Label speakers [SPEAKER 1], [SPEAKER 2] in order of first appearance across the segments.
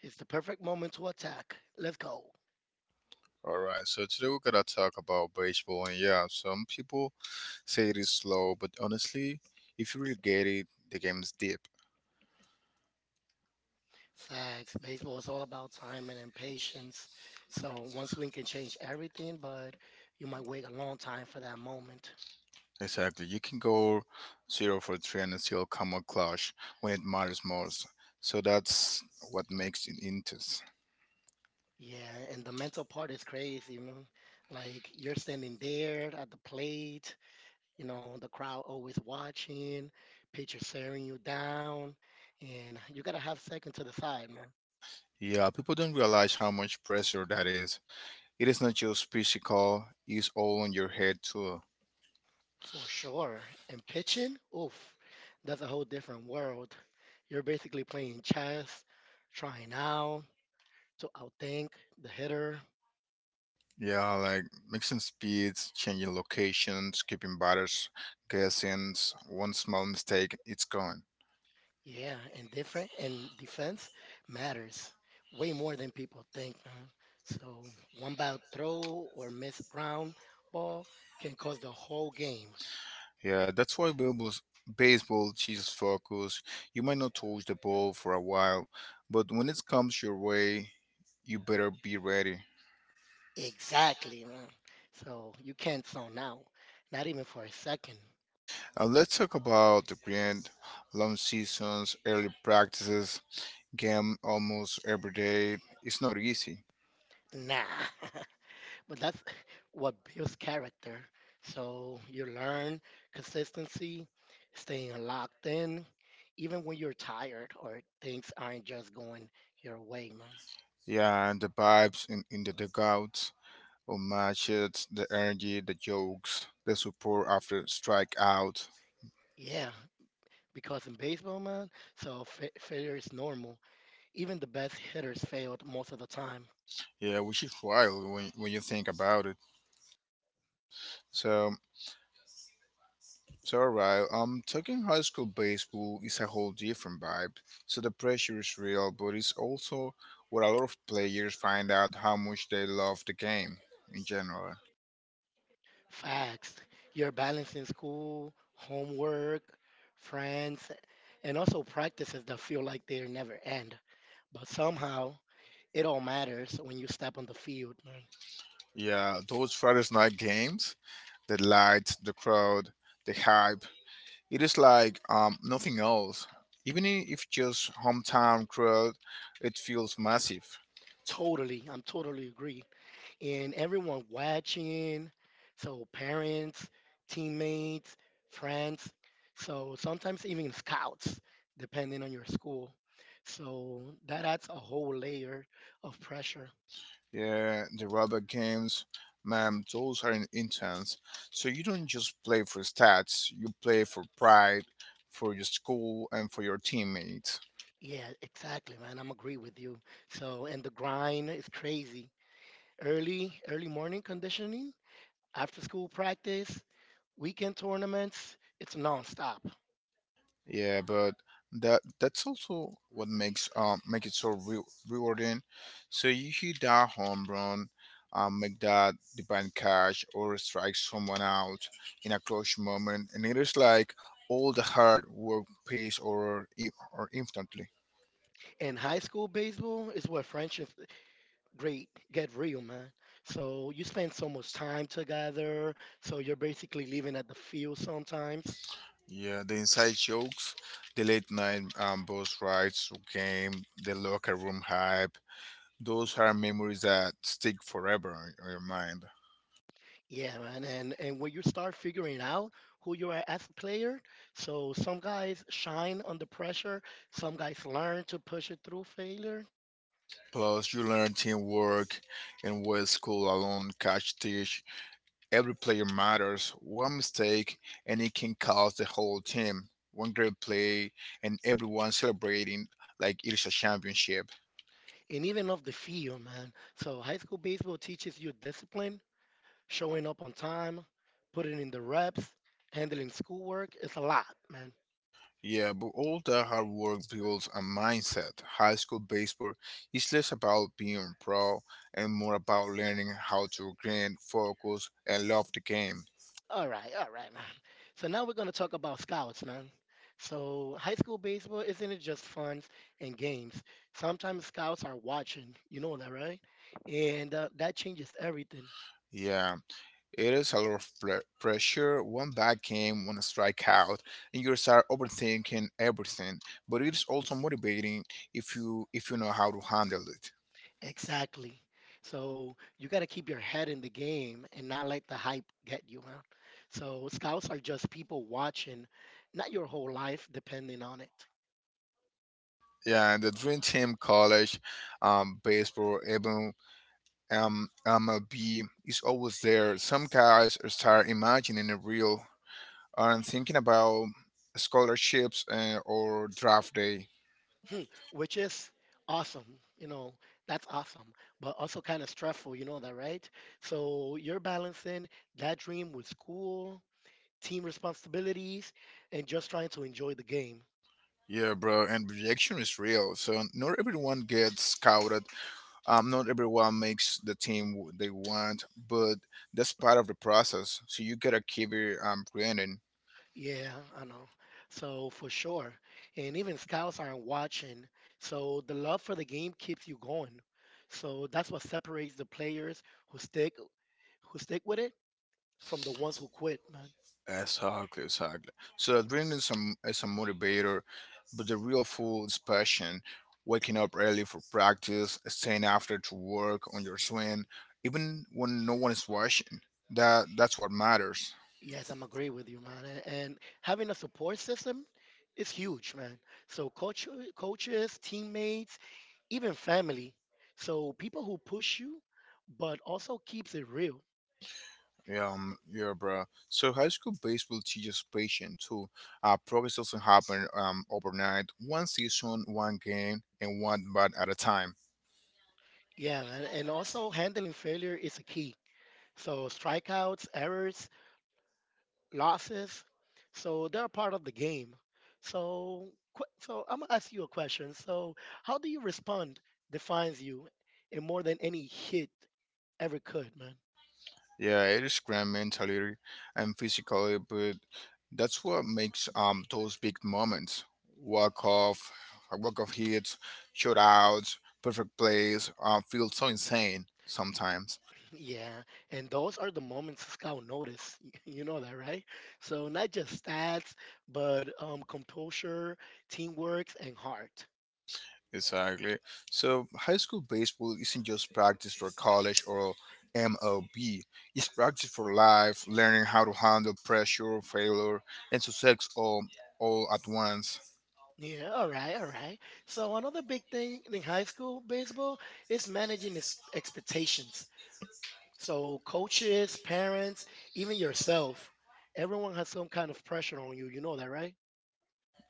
[SPEAKER 1] It's the perfect moment to attack. Let's go.
[SPEAKER 2] All right, so today we're gonna talk about baseball, and yeah, some people say it is slow, but honestly, if you really get it, the game is deep.
[SPEAKER 1] Facts. Baseball is all about timing and patience. So one swing can change everything, but you might wait a long time for that moment.
[SPEAKER 2] Exactly, you can go zero for three and still come a clutch when it matters most. So that's what makes it intense.
[SPEAKER 1] Yeah, and the mental part is crazy, man. Like you're standing there at the plate, you know, the crowd always watching, pitcher staring you down, and you gotta have second to the side, man.
[SPEAKER 2] Yeah, people don't realize how much pressure that is. It is not just physical; it's all on your head too.
[SPEAKER 1] For sure. And pitching, oof, that's a whole different world. You're basically playing chess, trying out to outthink the hitter.
[SPEAKER 2] Yeah, like mixing speeds, changing locations, keeping batters guessing. One small mistake, it's gone.
[SPEAKER 1] Yeah, and different and defense matters way more than people think, man. So one bad throw or missed ground ball can cause the whole game.
[SPEAKER 2] Yeah, that's why baseball teaches focus. You might not touch the ball for a while, but when it comes your way, you better be ready.
[SPEAKER 1] Exactly, man. So you can't zone out, not even for a second.
[SPEAKER 2] And let's talk about the grand long seasons, early practices, game almost every day. It's not easy.
[SPEAKER 1] Nah. But that's what builds character. So you learn consistency, staying locked in, even when you're tired or things aren't just going your way, man.
[SPEAKER 2] Yeah, and the vibes in the dugouts or match it, the energy, the jokes, the support after strike out.
[SPEAKER 1] Yeah, because in baseball, man, so failure is normal. Even the best hitters failed most of the time.
[SPEAKER 2] Yeah, which is wild when you think about it. So, Talking high school baseball is a whole different vibe. So the pressure is real, but it's also where a lot of players find out how much they love the game in general.
[SPEAKER 1] Facts. You're balancing school, homework, friends, and also practices that feel like they never end. But somehow, it all matters when you step on the field, man.
[SPEAKER 2] Yeah, those Friday night games, the lights, the crowd, the hype, it is like nothing else. Even if just hometown crowd, it feels massive.
[SPEAKER 1] Totally. I'm totally agree. And everyone watching, so parents, teammates, friends, so sometimes even scouts, depending on your school. So that adds a whole layer of pressure.
[SPEAKER 2] Yeah, the robot games, man, those are intense. So you don't just play for stats, you play for pride, for your school, and for your teammates.
[SPEAKER 1] Yeah, exactly, man. I'm agree with you. So, and the grind is crazy. Early, early morning conditioning, after school practice, weekend tournaments, it's nonstop.
[SPEAKER 2] Yeah, but that's also what makes make it so rewarding. So you hit that home run, make that divine catch or strike someone out in a close moment, and it is like all the hard work pays or instantly.
[SPEAKER 1] And high school baseball is where friendships great get real, man. So you spend so much time together. So you're basically living at the field sometimes.
[SPEAKER 2] Yeah, the inside jokes, the late night bus rides to game, the locker room hype. Those are memories that stick forever in your mind.
[SPEAKER 1] Yeah, man, and when you start figuring out who you are as a player, so some guys shine under pressure, some guys learn to push it through failure,
[SPEAKER 2] Plus, you learn teamwork and what school alone catch teach. Every player matters. One mistake, and it can cost the whole team. One great play, and everyone celebrating like it's a championship.
[SPEAKER 1] and even off the field, man. So high school baseball teaches you discipline, showing up on time, putting in the reps, handling schoolwork. It's a lot, man.
[SPEAKER 2] Yeah, but all that hard work builds a mindset. High school baseball is less about being pro and more about learning how to grind, focus, and love the game.
[SPEAKER 1] All right, man. So now we're going to talk about scouts, man. So high school baseball isn't it just fun and games? Sometimes scouts are watching. You know that, right? And that changes everything.
[SPEAKER 2] Yeah. It is a lot of pressure. One bad game, one strikeout, and you start overthinking everything. But it is also motivating if you know how to handle it.
[SPEAKER 1] Exactly. So you got to keep your head in the game and not let the hype get you, man. So scouts are just people watching, not your whole life depending on it.
[SPEAKER 2] Yeah, and the Dream Team College, baseball, even MLB is always there. Some guys start imagining a real and thinking about scholarships or draft day.
[SPEAKER 1] Which is awesome. You know, that's awesome, but also kind of stressful. You know that, right? So you're balancing that dream with school, team responsibilities, and just trying to enjoy the game.
[SPEAKER 2] Yeah, bro, and rejection is real. So not everyone gets scouted, not everyone makes the team they want, but that's part of the process. So you gotta keep it grinding.
[SPEAKER 1] Yeah, I know. So for sure. And even scouts aren't watching. So the love for the game keeps you going. So that's what separates the players who stick who stick with it from the ones who quit, man.
[SPEAKER 2] Exactly, exactly. So grinding is a motivator, but the real full is passion. Waking up early for practice, staying after to work on your swing, even when no one is watching. That's what matters.
[SPEAKER 1] Yes, I'm agree with you, man. And having a support system is huge, man. So coaches, teammates, even family. So people who push you, but also keeps it real.
[SPEAKER 2] Yeah, bro. So high school baseball teaches patience too. Progress doesn't happen overnight. One season, one game, and one bat at a time.
[SPEAKER 1] Yeah, man. And also handling failure is a key. So strikeouts, errors, losses. So they're part of the game. So, so I'm gonna ask you a question. So, how do you respond defines you, and more than any hit ever could, man.
[SPEAKER 2] Yeah, it is grand mentally and physically, but that's what makes those big moments. Walk off, walk off hits, shutouts, perfect plays. Feel so insane sometimes.
[SPEAKER 1] Yeah, and those are the moments Scout notice. You know that, right? So not just stats, but composure, teamwork, and heart.
[SPEAKER 2] Exactly. So high school baseball isn't just practice for college or MLB. It's practice for life, learning how to handle pressure, failure, and success all at once.
[SPEAKER 1] Yeah, all right, all right. So another big thing in high school baseball is managing expectations. So coaches, parents, even yourself, everyone has some kind of pressure on you. You know that, right?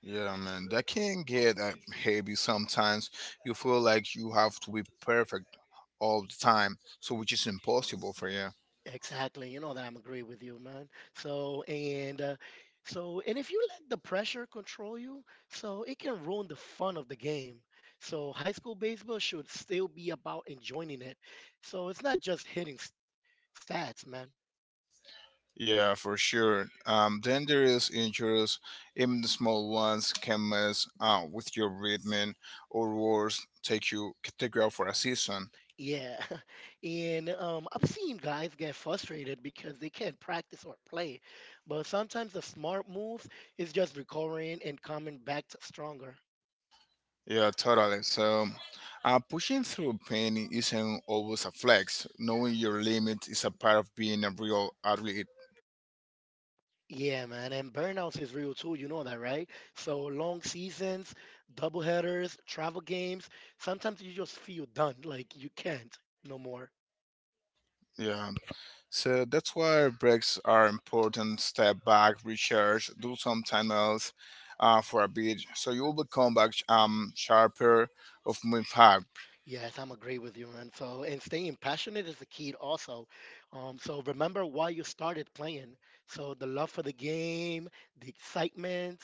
[SPEAKER 2] Yeah, man, that can get heavy sometimes. You feel like you have to be perfect all the time, so which is impossible for you.
[SPEAKER 1] Exactly. You know that I'm agree with you, man. So and so and if you let the pressure control you, so it can ruin the fun of the game. So high school baseball should still be about enjoying it. So it's not just hitting stats, man.
[SPEAKER 2] Yeah, for sure. Dangerous injuries, even the small ones, can mess with your rhythm, or worse, take you out for a season.
[SPEAKER 1] Yeah. And I've seen guys get frustrated because they can't practice or play. But sometimes the smart move is just recovering and coming back stronger.
[SPEAKER 2] Yeah, totally. So, pushing through pain isn't always a flex. Knowing your limit is a part of being a real athlete.
[SPEAKER 1] Yeah, man, and burnouts is real too. You know that, right? So long seasons, double headers, travel games. Sometimes you just feel done, like you can't no more.
[SPEAKER 2] Yeah. So that's why breaks are important. Step back, recharge, do something else for a bit, so you will become back sharper of moving hard.
[SPEAKER 1] Yes, I'm agree with you, man. So and staying passionate is the key also. So remember why you started playing. So the love for the game, the excitement,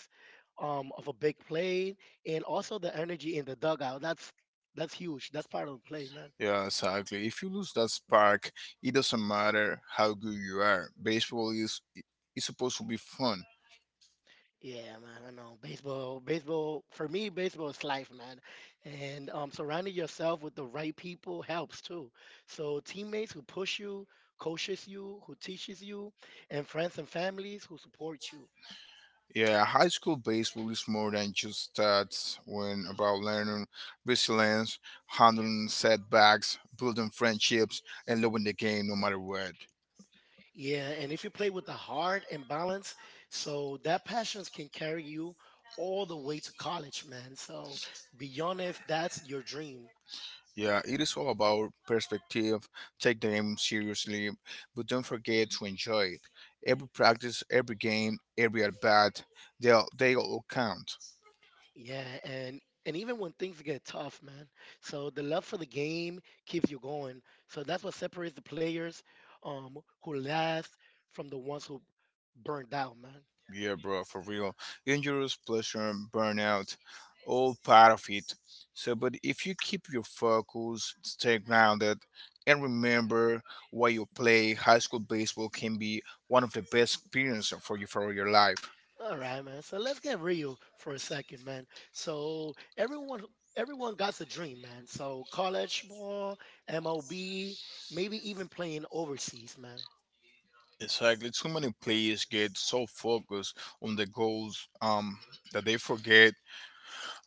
[SPEAKER 1] of a big play, and also the energy in the dugout. That's huge. That's part of the play, man.
[SPEAKER 2] Yeah, exactly. If you lose that spark, it doesn't matter how good you are. Baseball is supposed to be fun.
[SPEAKER 1] Yeah, man, I know. Baseball, baseball, for me, baseball is life, man. And surrounding yourself with the right people helps too. So teammates who push you, coaches you, who teaches you, and friends and families who support you.
[SPEAKER 2] Yeah, high school baseball is more than just stats. When about learning resilience, handling setbacks, building friendships, and loving the game no matter what.
[SPEAKER 1] Yeah, and if you play with the heart and balance, so that passions can carry you all the way to college, man. So beyond if that's your dream.
[SPEAKER 2] Yeah, it is all about perspective. Take the game seriously, but don't forget to enjoy it. Every practice, every game, every at bat, they all count.
[SPEAKER 1] Yeah, and even when things get tough, man. So the love for the game keeps you going. So that's what separates the players um who last from the ones who burned out, man.
[SPEAKER 2] Yeah, bro, for real. Injuries, pleasure, burnout, all part of it. So, but if you keep your focus, stay grounded, and remember why you play, high school baseball can be one of the best experiences for you for your life.
[SPEAKER 1] All right, man. So let's get real for a second, man. So everyone got the dream, man. So college ball, MLB, maybe even playing overseas, man.
[SPEAKER 2] Exactly. Too many players get so focused on the goals, that they forget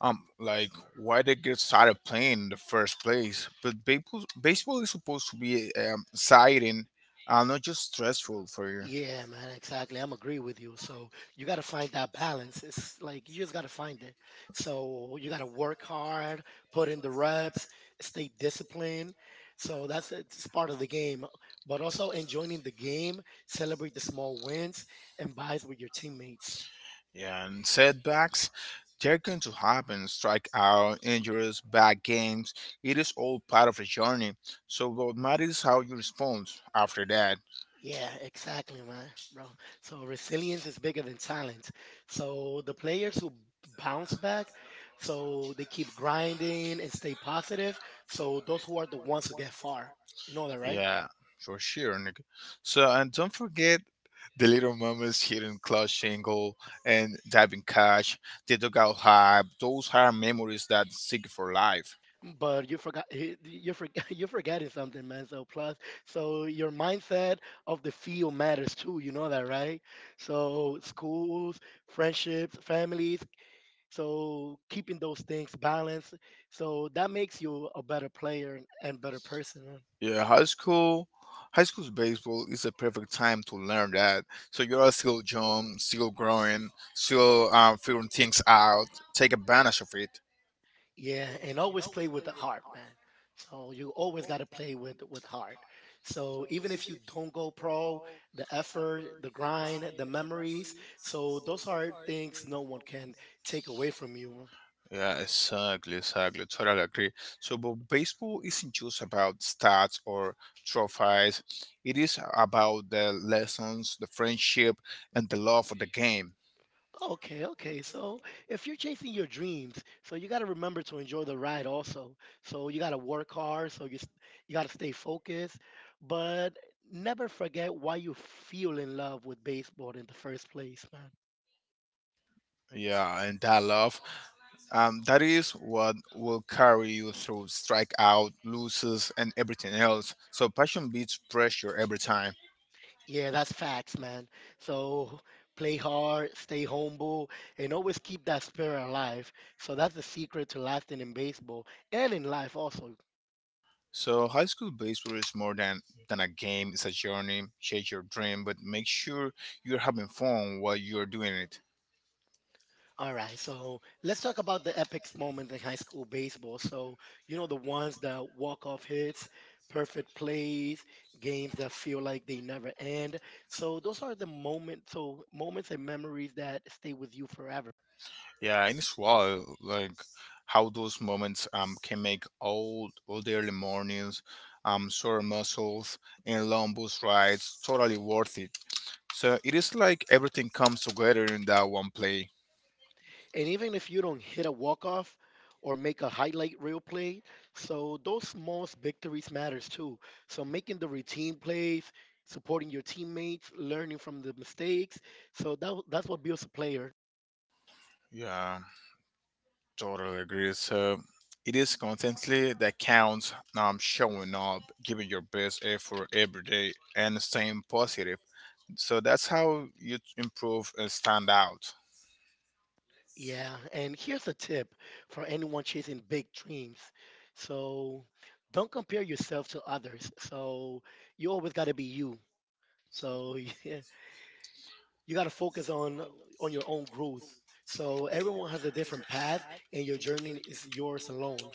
[SPEAKER 2] um like why they get started playing in the first place, but baseball is supposed to be exciting, not just stressful for you.
[SPEAKER 1] Yeah, man, exactly. I'm agree with you. So you got to find that balance. It's like you just got to find it. So you got to work hard, put in the reps, stay disciplined. So that's it's part of the game. But also enjoying the game, celebrate the small wins, and vibes with your teammates.
[SPEAKER 2] Yeah, and setbacks, they're going to happen. Strike out, injuries, bad games, it is all part of the journey, so what matters is how you respond after that.
[SPEAKER 1] Yeah, exactly, man, bro. So resilience is bigger than talent. So the players who bounce back, so they keep grinding and stay positive. So those who are the ones who get far, you know that, right?
[SPEAKER 2] Yeah, for sure, nigga. So and don't forget the little moments, hitting clutch single and diving catch. The dugout hype. Those are memories that stick for life.
[SPEAKER 1] But you forgot you forgot you forgetting something, man. So plus, so your mindset of the field matters too. You know that, right? So schools, friendships, families. So keeping those things balanced. So that makes you a better player and better person. Huh?
[SPEAKER 2] Yeah, High school's baseball is a perfect time to learn that. So you are still young, still growing, still figuring things out. Take advantage of it.
[SPEAKER 1] Yeah, and always play with the heart, man. So you always got to play with heart. So even if you don't go pro, the effort, the grind, the memories, so those are things no one can take away from you.
[SPEAKER 2] Yeah, exactly. Totally agree. So, but baseball isn't just about stats or trophies. It is about the lessons, the friendship, and the love of the game.
[SPEAKER 1] Okay, okay. So if you're chasing your dreams, so you got to remember to enjoy the ride also. So you got to work hard, so you got to stay focused, but never forget why you feel in love with baseball in the first place, man.
[SPEAKER 2] Yeah, and that love, that is what will carry you through strikeout, losses, and everything else. So, passion beats pressure every time.
[SPEAKER 1] Yeah, that's facts, man. So play hard, stay humble, and always keep that spirit alive. So that's the secret to lasting in baseball and in life also.
[SPEAKER 2] So, high school baseball is more than a game. It's a journey. Chase your dream, but make sure you're having fun while you're doing it.
[SPEAKER 1] All right, so let's talk about the epic moments in high school baseball. So, you know, the ones that walk-off hits, perfect plays, games that feel like they never end. So those are the moments, so moments and memories that stay with you forever.
[SPEAKER 2] Yeah, and it's wild, like how those moments can make old early mornings, sore muscles and long bus rides totally worth it. So it is like everything comes together in that one play.
[SPEAKER 1] And even if you don't hit a walk off or make a highlight reel play, so those small victories matters too. So making the routine plays, supporting your teammates, learning from the mistakes. So that's what builds a player.
[SPEAKER 2] Yeah, totally agree. So it is constantly that counts. Showing up, giving your best effort every day, and staying positive. So that's how you improve and stand out.
[SPEAKER 1] Yeah, and here's a tip for anyone chasing big dreams. So don't compare yourself to others. So you always got to be you. So yeah, you got to focus on your own growth. So everyone has a different path, and your journey is yours alone.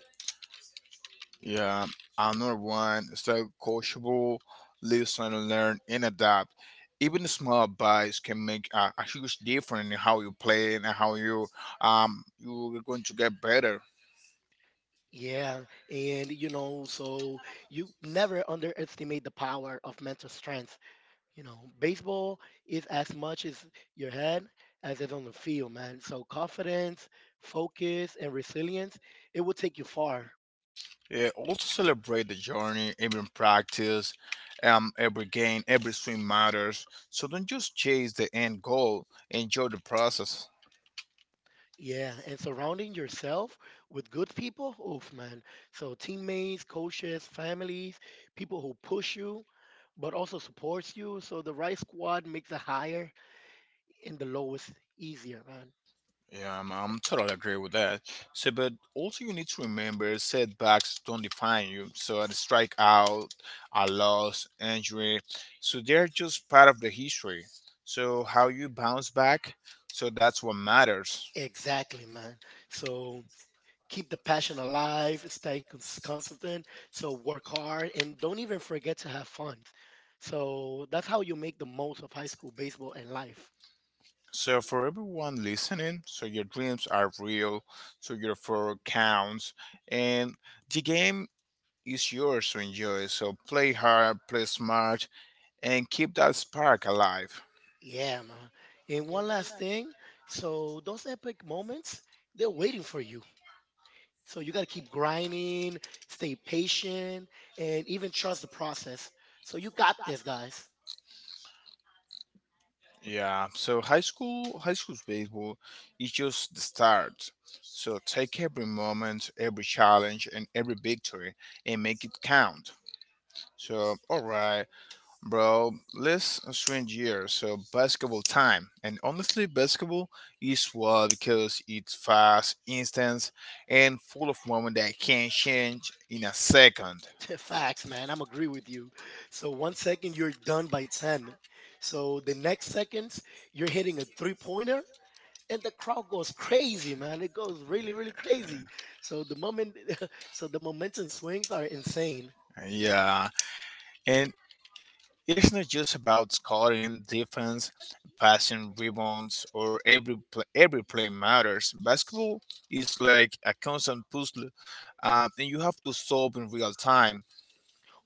[SPEAKER 2] Yeah, another one. So coachable, listen, learn, and adapt. Even small bites can make a huge difference in how you play and how you're going to get better.
[SPEAKER 1] Yeah, and you know, so you never underestimate the power of mental strength. You know, baseball is as much as your head as it's on the field, man. So confidence, focus, and resilience, it will take you far.
[SPEAKER 2] Yeah, also celebrate the journey, even practice. Every game, every swing matters. So don't just chase the end goal. Enjoy the process.
[SPEAKER 1] Yeah, and surrounding yourself with good people, oof, man. So teammates, coaches, families, people who push you, but also supports you. So the right squad makes the higher and the lowest easier, man.
[SPEAKER 2] Yeah, I'm totally agree with that. So, but also you need to remember setbacks don't define you. So, a strikeout, a loss, injury, so they're just part of the history. So, how you bounce back, so that's what matters.
[SPEAKER 1] Exactly, man. So keep the passion alive, stay consistent. So work hard and don't even forget to have fun. So that's how you make the most of high school baseball and life.
[SPEAKER 2] So, for everyone listening, so your dreams are real, so your effort counts, and the game is yours to enjoy. So, play hard, play smart, and keep that spark alive.
[SPEAKER 1] Yeah, man. And one last thing. So those epic moments, they're waiting for you. So you got to keep grinding, stay patient, and even trust the process. So you got this, guys.
[SPEAKER 2] Yeah, so high school's baseball is just the start. So take every moment, every challenge, and every victory, and make it count. So, all right, bro, let's swing gears. So basketball time, and honestly, basketball is wild because it's fast, instant, and full of moment that can change in a second.
[SPEAKER 1] Facts, man. I'm agree with you. So one second you're done by 10. So the next seconds you're hitting a three-pointer and the crowd goes crazy, man. It goes really, really crazy. So the moment so the momentum swings are insane.
[SPEAKER 2] Yeah, and it is not just about scoring, defense, passing, rebounds, or every play matters. Basketball is like a constant puzzle, and you have to solve in real time.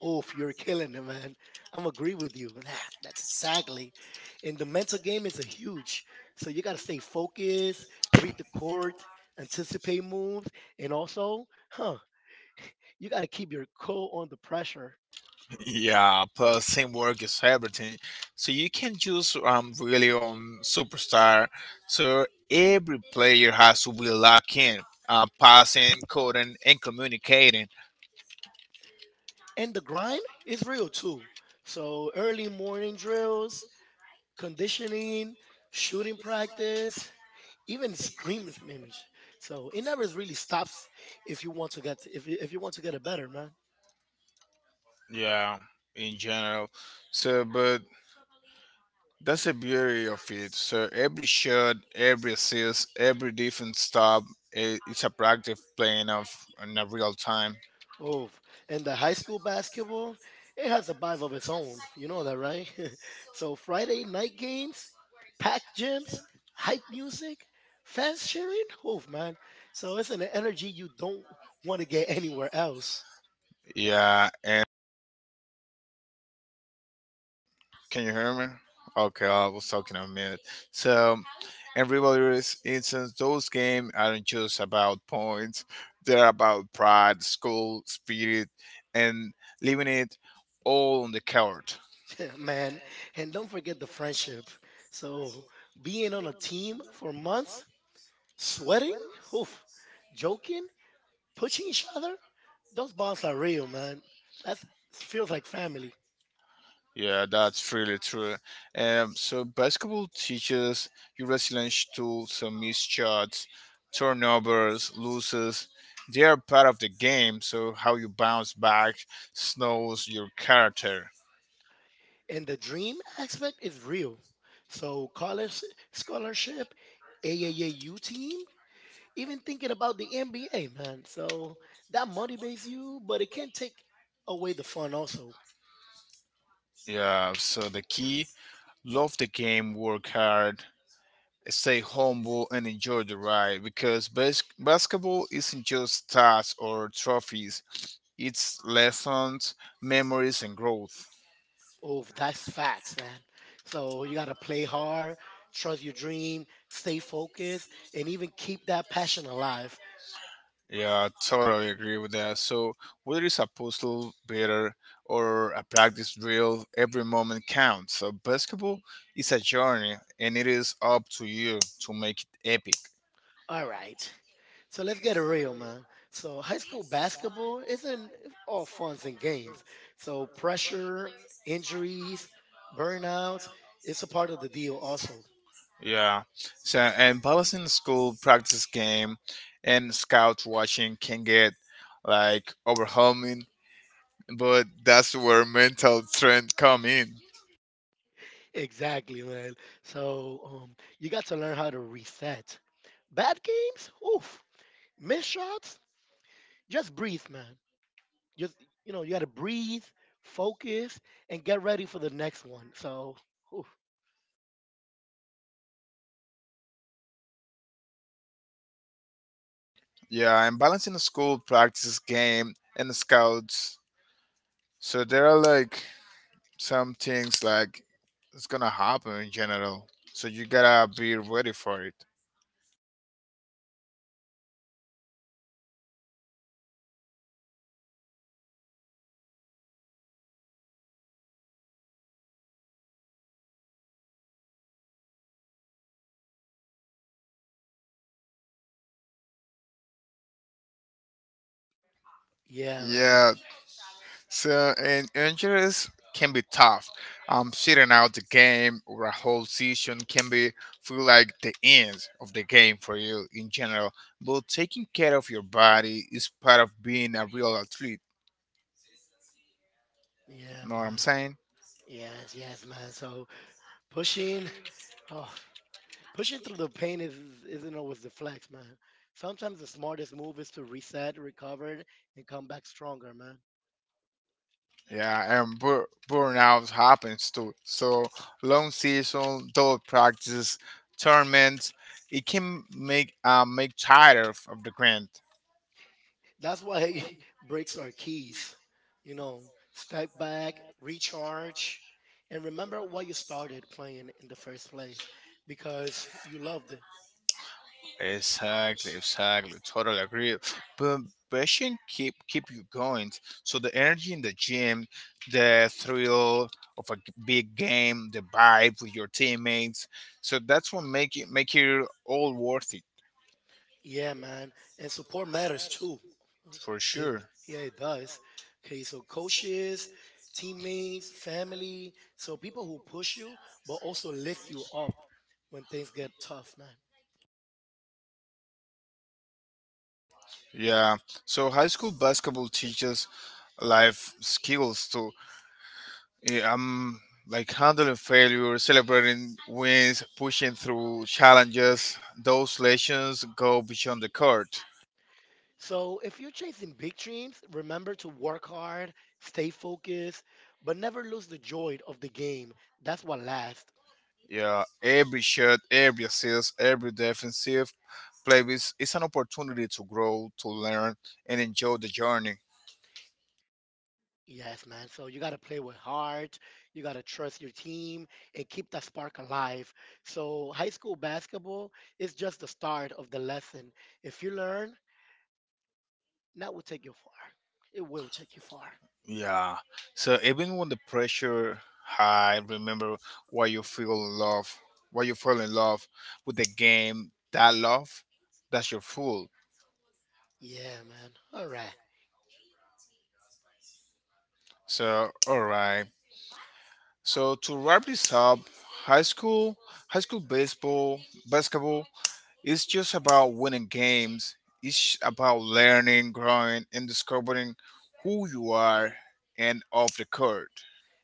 [SPEAKER 1] Oof, you're killing it, man. I'm agree with you. That's exactly. And the mental game is a huge. So you gotta stay focused, read the court, anticipate moves, and also, huh, you gotta keep your cool on the pressure.
[SPEAKER 2] Yeah, plus teamwork is everything. So you can't just really on superstar. So every player has to be locked in, passing, coding, and communicating.
[SPEAKER 1] And the grind is real too. So early morning drills, conditioning, shooting practice, even scream memes. So it never really stops if you want to get if you want to get it better, man.
[SPEAKER 2] Yeah, in general. So, but that's the beauty of it. So every shot, every assist, every defense stop, it's a practice playing of in a real time.
[SPEAKER 1] Oh, and the high school basketball, it has a vibe of its own. You know that, right? So Friday night games, packed gyms, hype music, fans cheering. Oh man, so it's an energy you don't want to get anywhere else.
[SPEAKER 2] Yeah, and can you hear me? Okay, I was talking a minute. So, in rivalries instance, those games aren't just about points. They're about pride, school, spirit, and leaving it all on the court.
[SPEAKER 1] Man, and don't forget the friendship. So being on a team for months, sweating, oof, joking, pushing each other, those bonds are real, man. That feels like family.
[SPEAKER 2] Yeah, that's really true. So basketball teaches you resilience tools, missed shots, turnovers, losses. They are part of the game. So how you bounce back snows your character.
[SPEAKER 1] And the dream aspect is real. So college scholarship, AAU team, even thinking about the NBA, man. So that motivates you, but it can take away the fun also.
[SPEAKER 2] Yeah. So the key: love the game, work hard, stay humble, and enjoy the ride. Because basketball isn't just stats or trophies; it's lessons, memories, and growth.
[SPEAKER 1] Oh, that's facts, man. So you gotta play hard, trust your dream, stay focused, and even keep that passion alive.
[SPEAKER 2] Yeah, I totally agree with that. So, whether it's a puzzle, beater, or a practice drill, every moment counts. So, basketball is a journey, and it is up to you to make it epic.
[SPEAKER 1] All right. So let's get it real, man. So high school basketball isn't it's all funs and games. So pressure, injuries, burnouts, it's a part of the deal also.
[SPEAKER 2] Yeah. So, and balancing school, practice game, and scout watching can get like overwhelming, but that's where mental strength come in.
[SPEAKER 1] Exactly, man. So you got to learn how to reset. Bad games, oof. Missed shots, just breathe, man. Just you know, you got to breathe, focus, and get ready for the next one. So, oof.
[SPEAKER 2] Yeah, and balancing the school, practice game, and the scouts. So, there are like some things like it's gonna happen in general. So you gotta be ready for it.
[SPEAKER 1] Yeah, man.
[SPEAKER 2] Yeah. So and injuries can be tough. Sitting out the game or a whole season can be feel like the end of the game for you in general. But taking care of your body is part of being a real athlete.
[SPEAKER 1] Yeah,
[SPEAKER 2] Know what I'm
[SPEAKER 1] man.
[SPEAKER 2] saying?
[SPEAKER 1] Yes, yes, man. So pushing, oh, pushing through the pain isn't always the flex, man. Sometimes the smartest move is to reset, recover, and come back stronger, man.
[SPEAKER 2] Yeah, and burnout happens too. So long season, double practice, tournaments, it can make make tired of the grind.
[SPEAKER 1] That's why breaks are keys. You know, step back, recharge, and remember why you started playing in the first place because you loved it.
[SPEAKER 2] Exactly, exactly. Totally agree. But passion keep you going. So the energy in the gym, the thrill of a big game, the vibe with your teammates. So that's what make it all worth it
[SPEAKER 1] Yeah, man. And support matters too.
[SPEAKER 2] for
[SPEAKER 1] It,
[SPEAKER 2] sure.
[SPEAKER 1] yeah, it does. Okay, so coaches, teammates, family, so people who push you, but also lift you up when things get tough, man.
[SPEAKER 2] Yeah. So high school basketball teaches life skills too. Yeah, I'm like handling failure, celebrating wins, pushing through challenges. Those lessons go beyond the court.
[SPEAKER 1] So if you're chasing big dreams, remember to work hard, stay focused, but never lose the joy of the game. That's what lasts.
[SPEAKER 2] Yeah, every shot, every assist, every defensive play is an opportunity to grow, to learn, and enjoy the journey.
[SPEAKER 1] Yes, man. So you got to play with heart. You got to trust your team and keep that spark alive. So high school basketball is just the start of the lesson. If you learn, that will take you far. It will take you far.
[SPEAKER 2] Yeah. So even when the pressure high, remember why you feel in love, why you fall in love with the game, that love, that's your fool.
[SPEAKER 1] Yeah, man. All right.
[SPEAKER 2] So all right. So to wrap this up, high school, high school baseball, basketball, it's just about winning games. It's about learning, growing, and discovering who you are and off the court.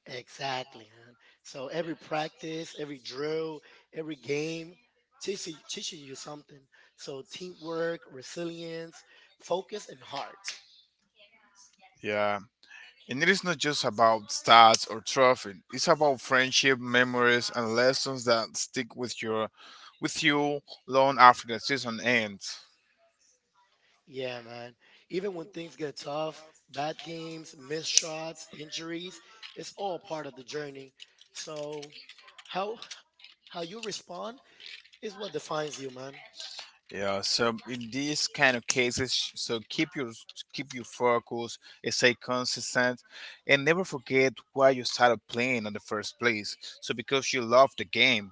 [SPEAKER 1] Exactly, man. So every practice, every drill, every game teaches you something. So teamwork, resilience, focus, and heart.
[SPEAKER 2] Yeah. And it is not just about stats or trophy. It's about friendship, memories, and lessons that stick with your with you long after the season ends.
[SPEAKER 1] Yeah, man. Even when things get tough, bad games, missed shots, injuries, it's all part of the journey. So, how how you respond is what defines you, man.
[SPEAKER 2] Yeah, so in these kind of cases, so keep your focus, and stay consistent, and never forget why you started playing in the first place. So because you love the game.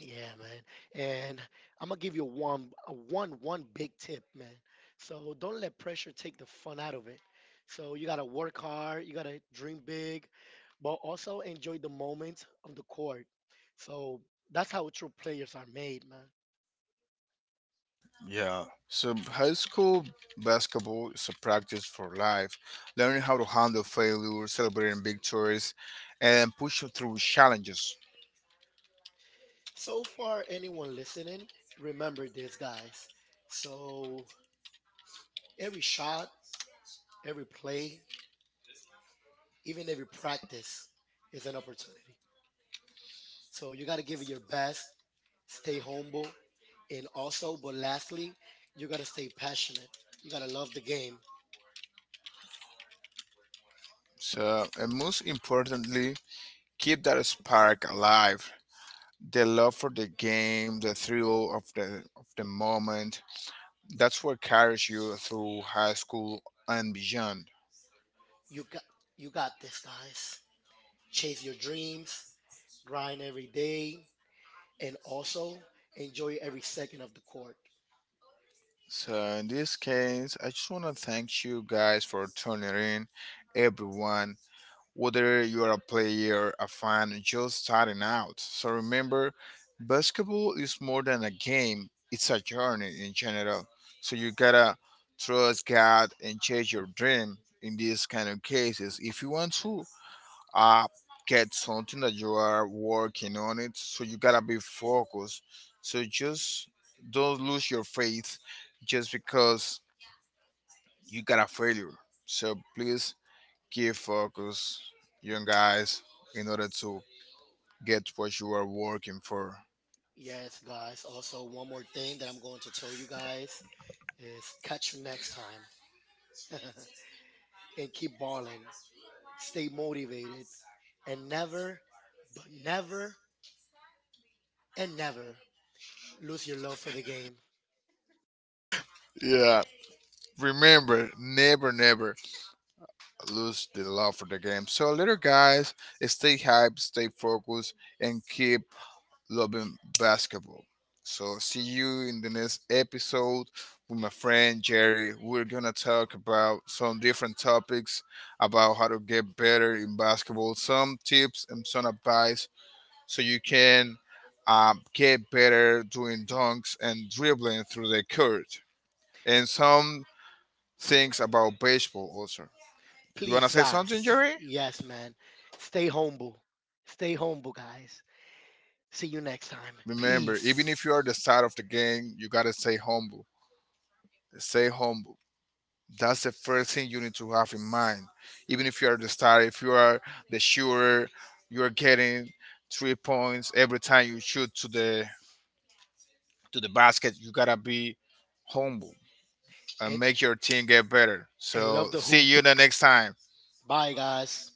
[SPEAKER 1] Yeah, man. And I'm gonna give you one a one one big tip, man. So don't let pressure take the fun out of it. So you gotta work hard, you gotta dream big, but also enjoy the moment of the court. So that's how true players are made, man.
[SPEAKER 2] Yeah. So high school basketball is a practice for life, learning how to handle failure, celebrating victories, and push through challenges.
[SPEAKER 1] So far, anyone listening, remember this, guys. So every shot, every play, even every practice is an opportunity. So you got to give it your best, stay humble, and also, but lastly, you got to stay passionate. You got to love the game.
[SPEAKER 2] So, and most importantly, keep that spark alive. The love for the game, the thrill of the moment. That's what carries you through high school and beyond.
[SPEAKER 1] You got you got this, guys. Chase your dreams, grind every day, and also enjoy every second of the court.
[SPEAKER 2] So in this case, I just want to thank you guys for tuning in, everyone, whether you're a player, a fan, or just starting out. So remember, basketball is more than a game, it's a journey in general. So you gotta trust God and chase your dream in these kind of cases. If you want to uh, get something that you are working on it, so you gotta be focused. So just don't lose your faith just because you got a failure. So please keep focus, young guys, in order to get what you are working for.
[SPEAKER 1] Yes, guys. Also, one more thing that I'm going to tell you guys is catch you next time and keep balling, stay motivated, and never, but never and never lose your love for the game.
[SPEAKER 2] Yeah. Remember, never, never lose the love for the game. So, little guys, stay hype, stay focused, and keep loving basketball. So, see you in the next episode with my friend Jerry. We're gonna talk about some different topics about how to get better in basketball, some tips and some advice so you can get better doing dunks and dribbling through the court. And some things about baseball also. You
[SPEAKER 1] Please,
[SPEAKER 2] wanna say something,
[SPEAKER 1] guys.
[SPEAKER 2] Jerry?
[SPEAKER 1] Yes, man. Stay humble. Stay humble, guys. See you next time.
[SPEAKER 2] Remember, even if
[SPEAKER 1] Peace.
[SPEAKER 2] you are the star of the game, you gotta stay humble. Stay humble. That's the first thing you need to have in mind. Even if you are the star, if you are the shooter, you are getting 3 points every time you shoot to the basket. You gotta be humble. And
[SPEAKER 1] And
[SPEAKER 2] make your team get better.
[SPEAKER 1] and
[SPEAKER 2] So
[SPEAKER 1] love the
[SPEAKER 2] see
[SPEAKER 1] hoop.
[SPEAKER 2] you the next time.
[SPEAKER 1] Bye, guys.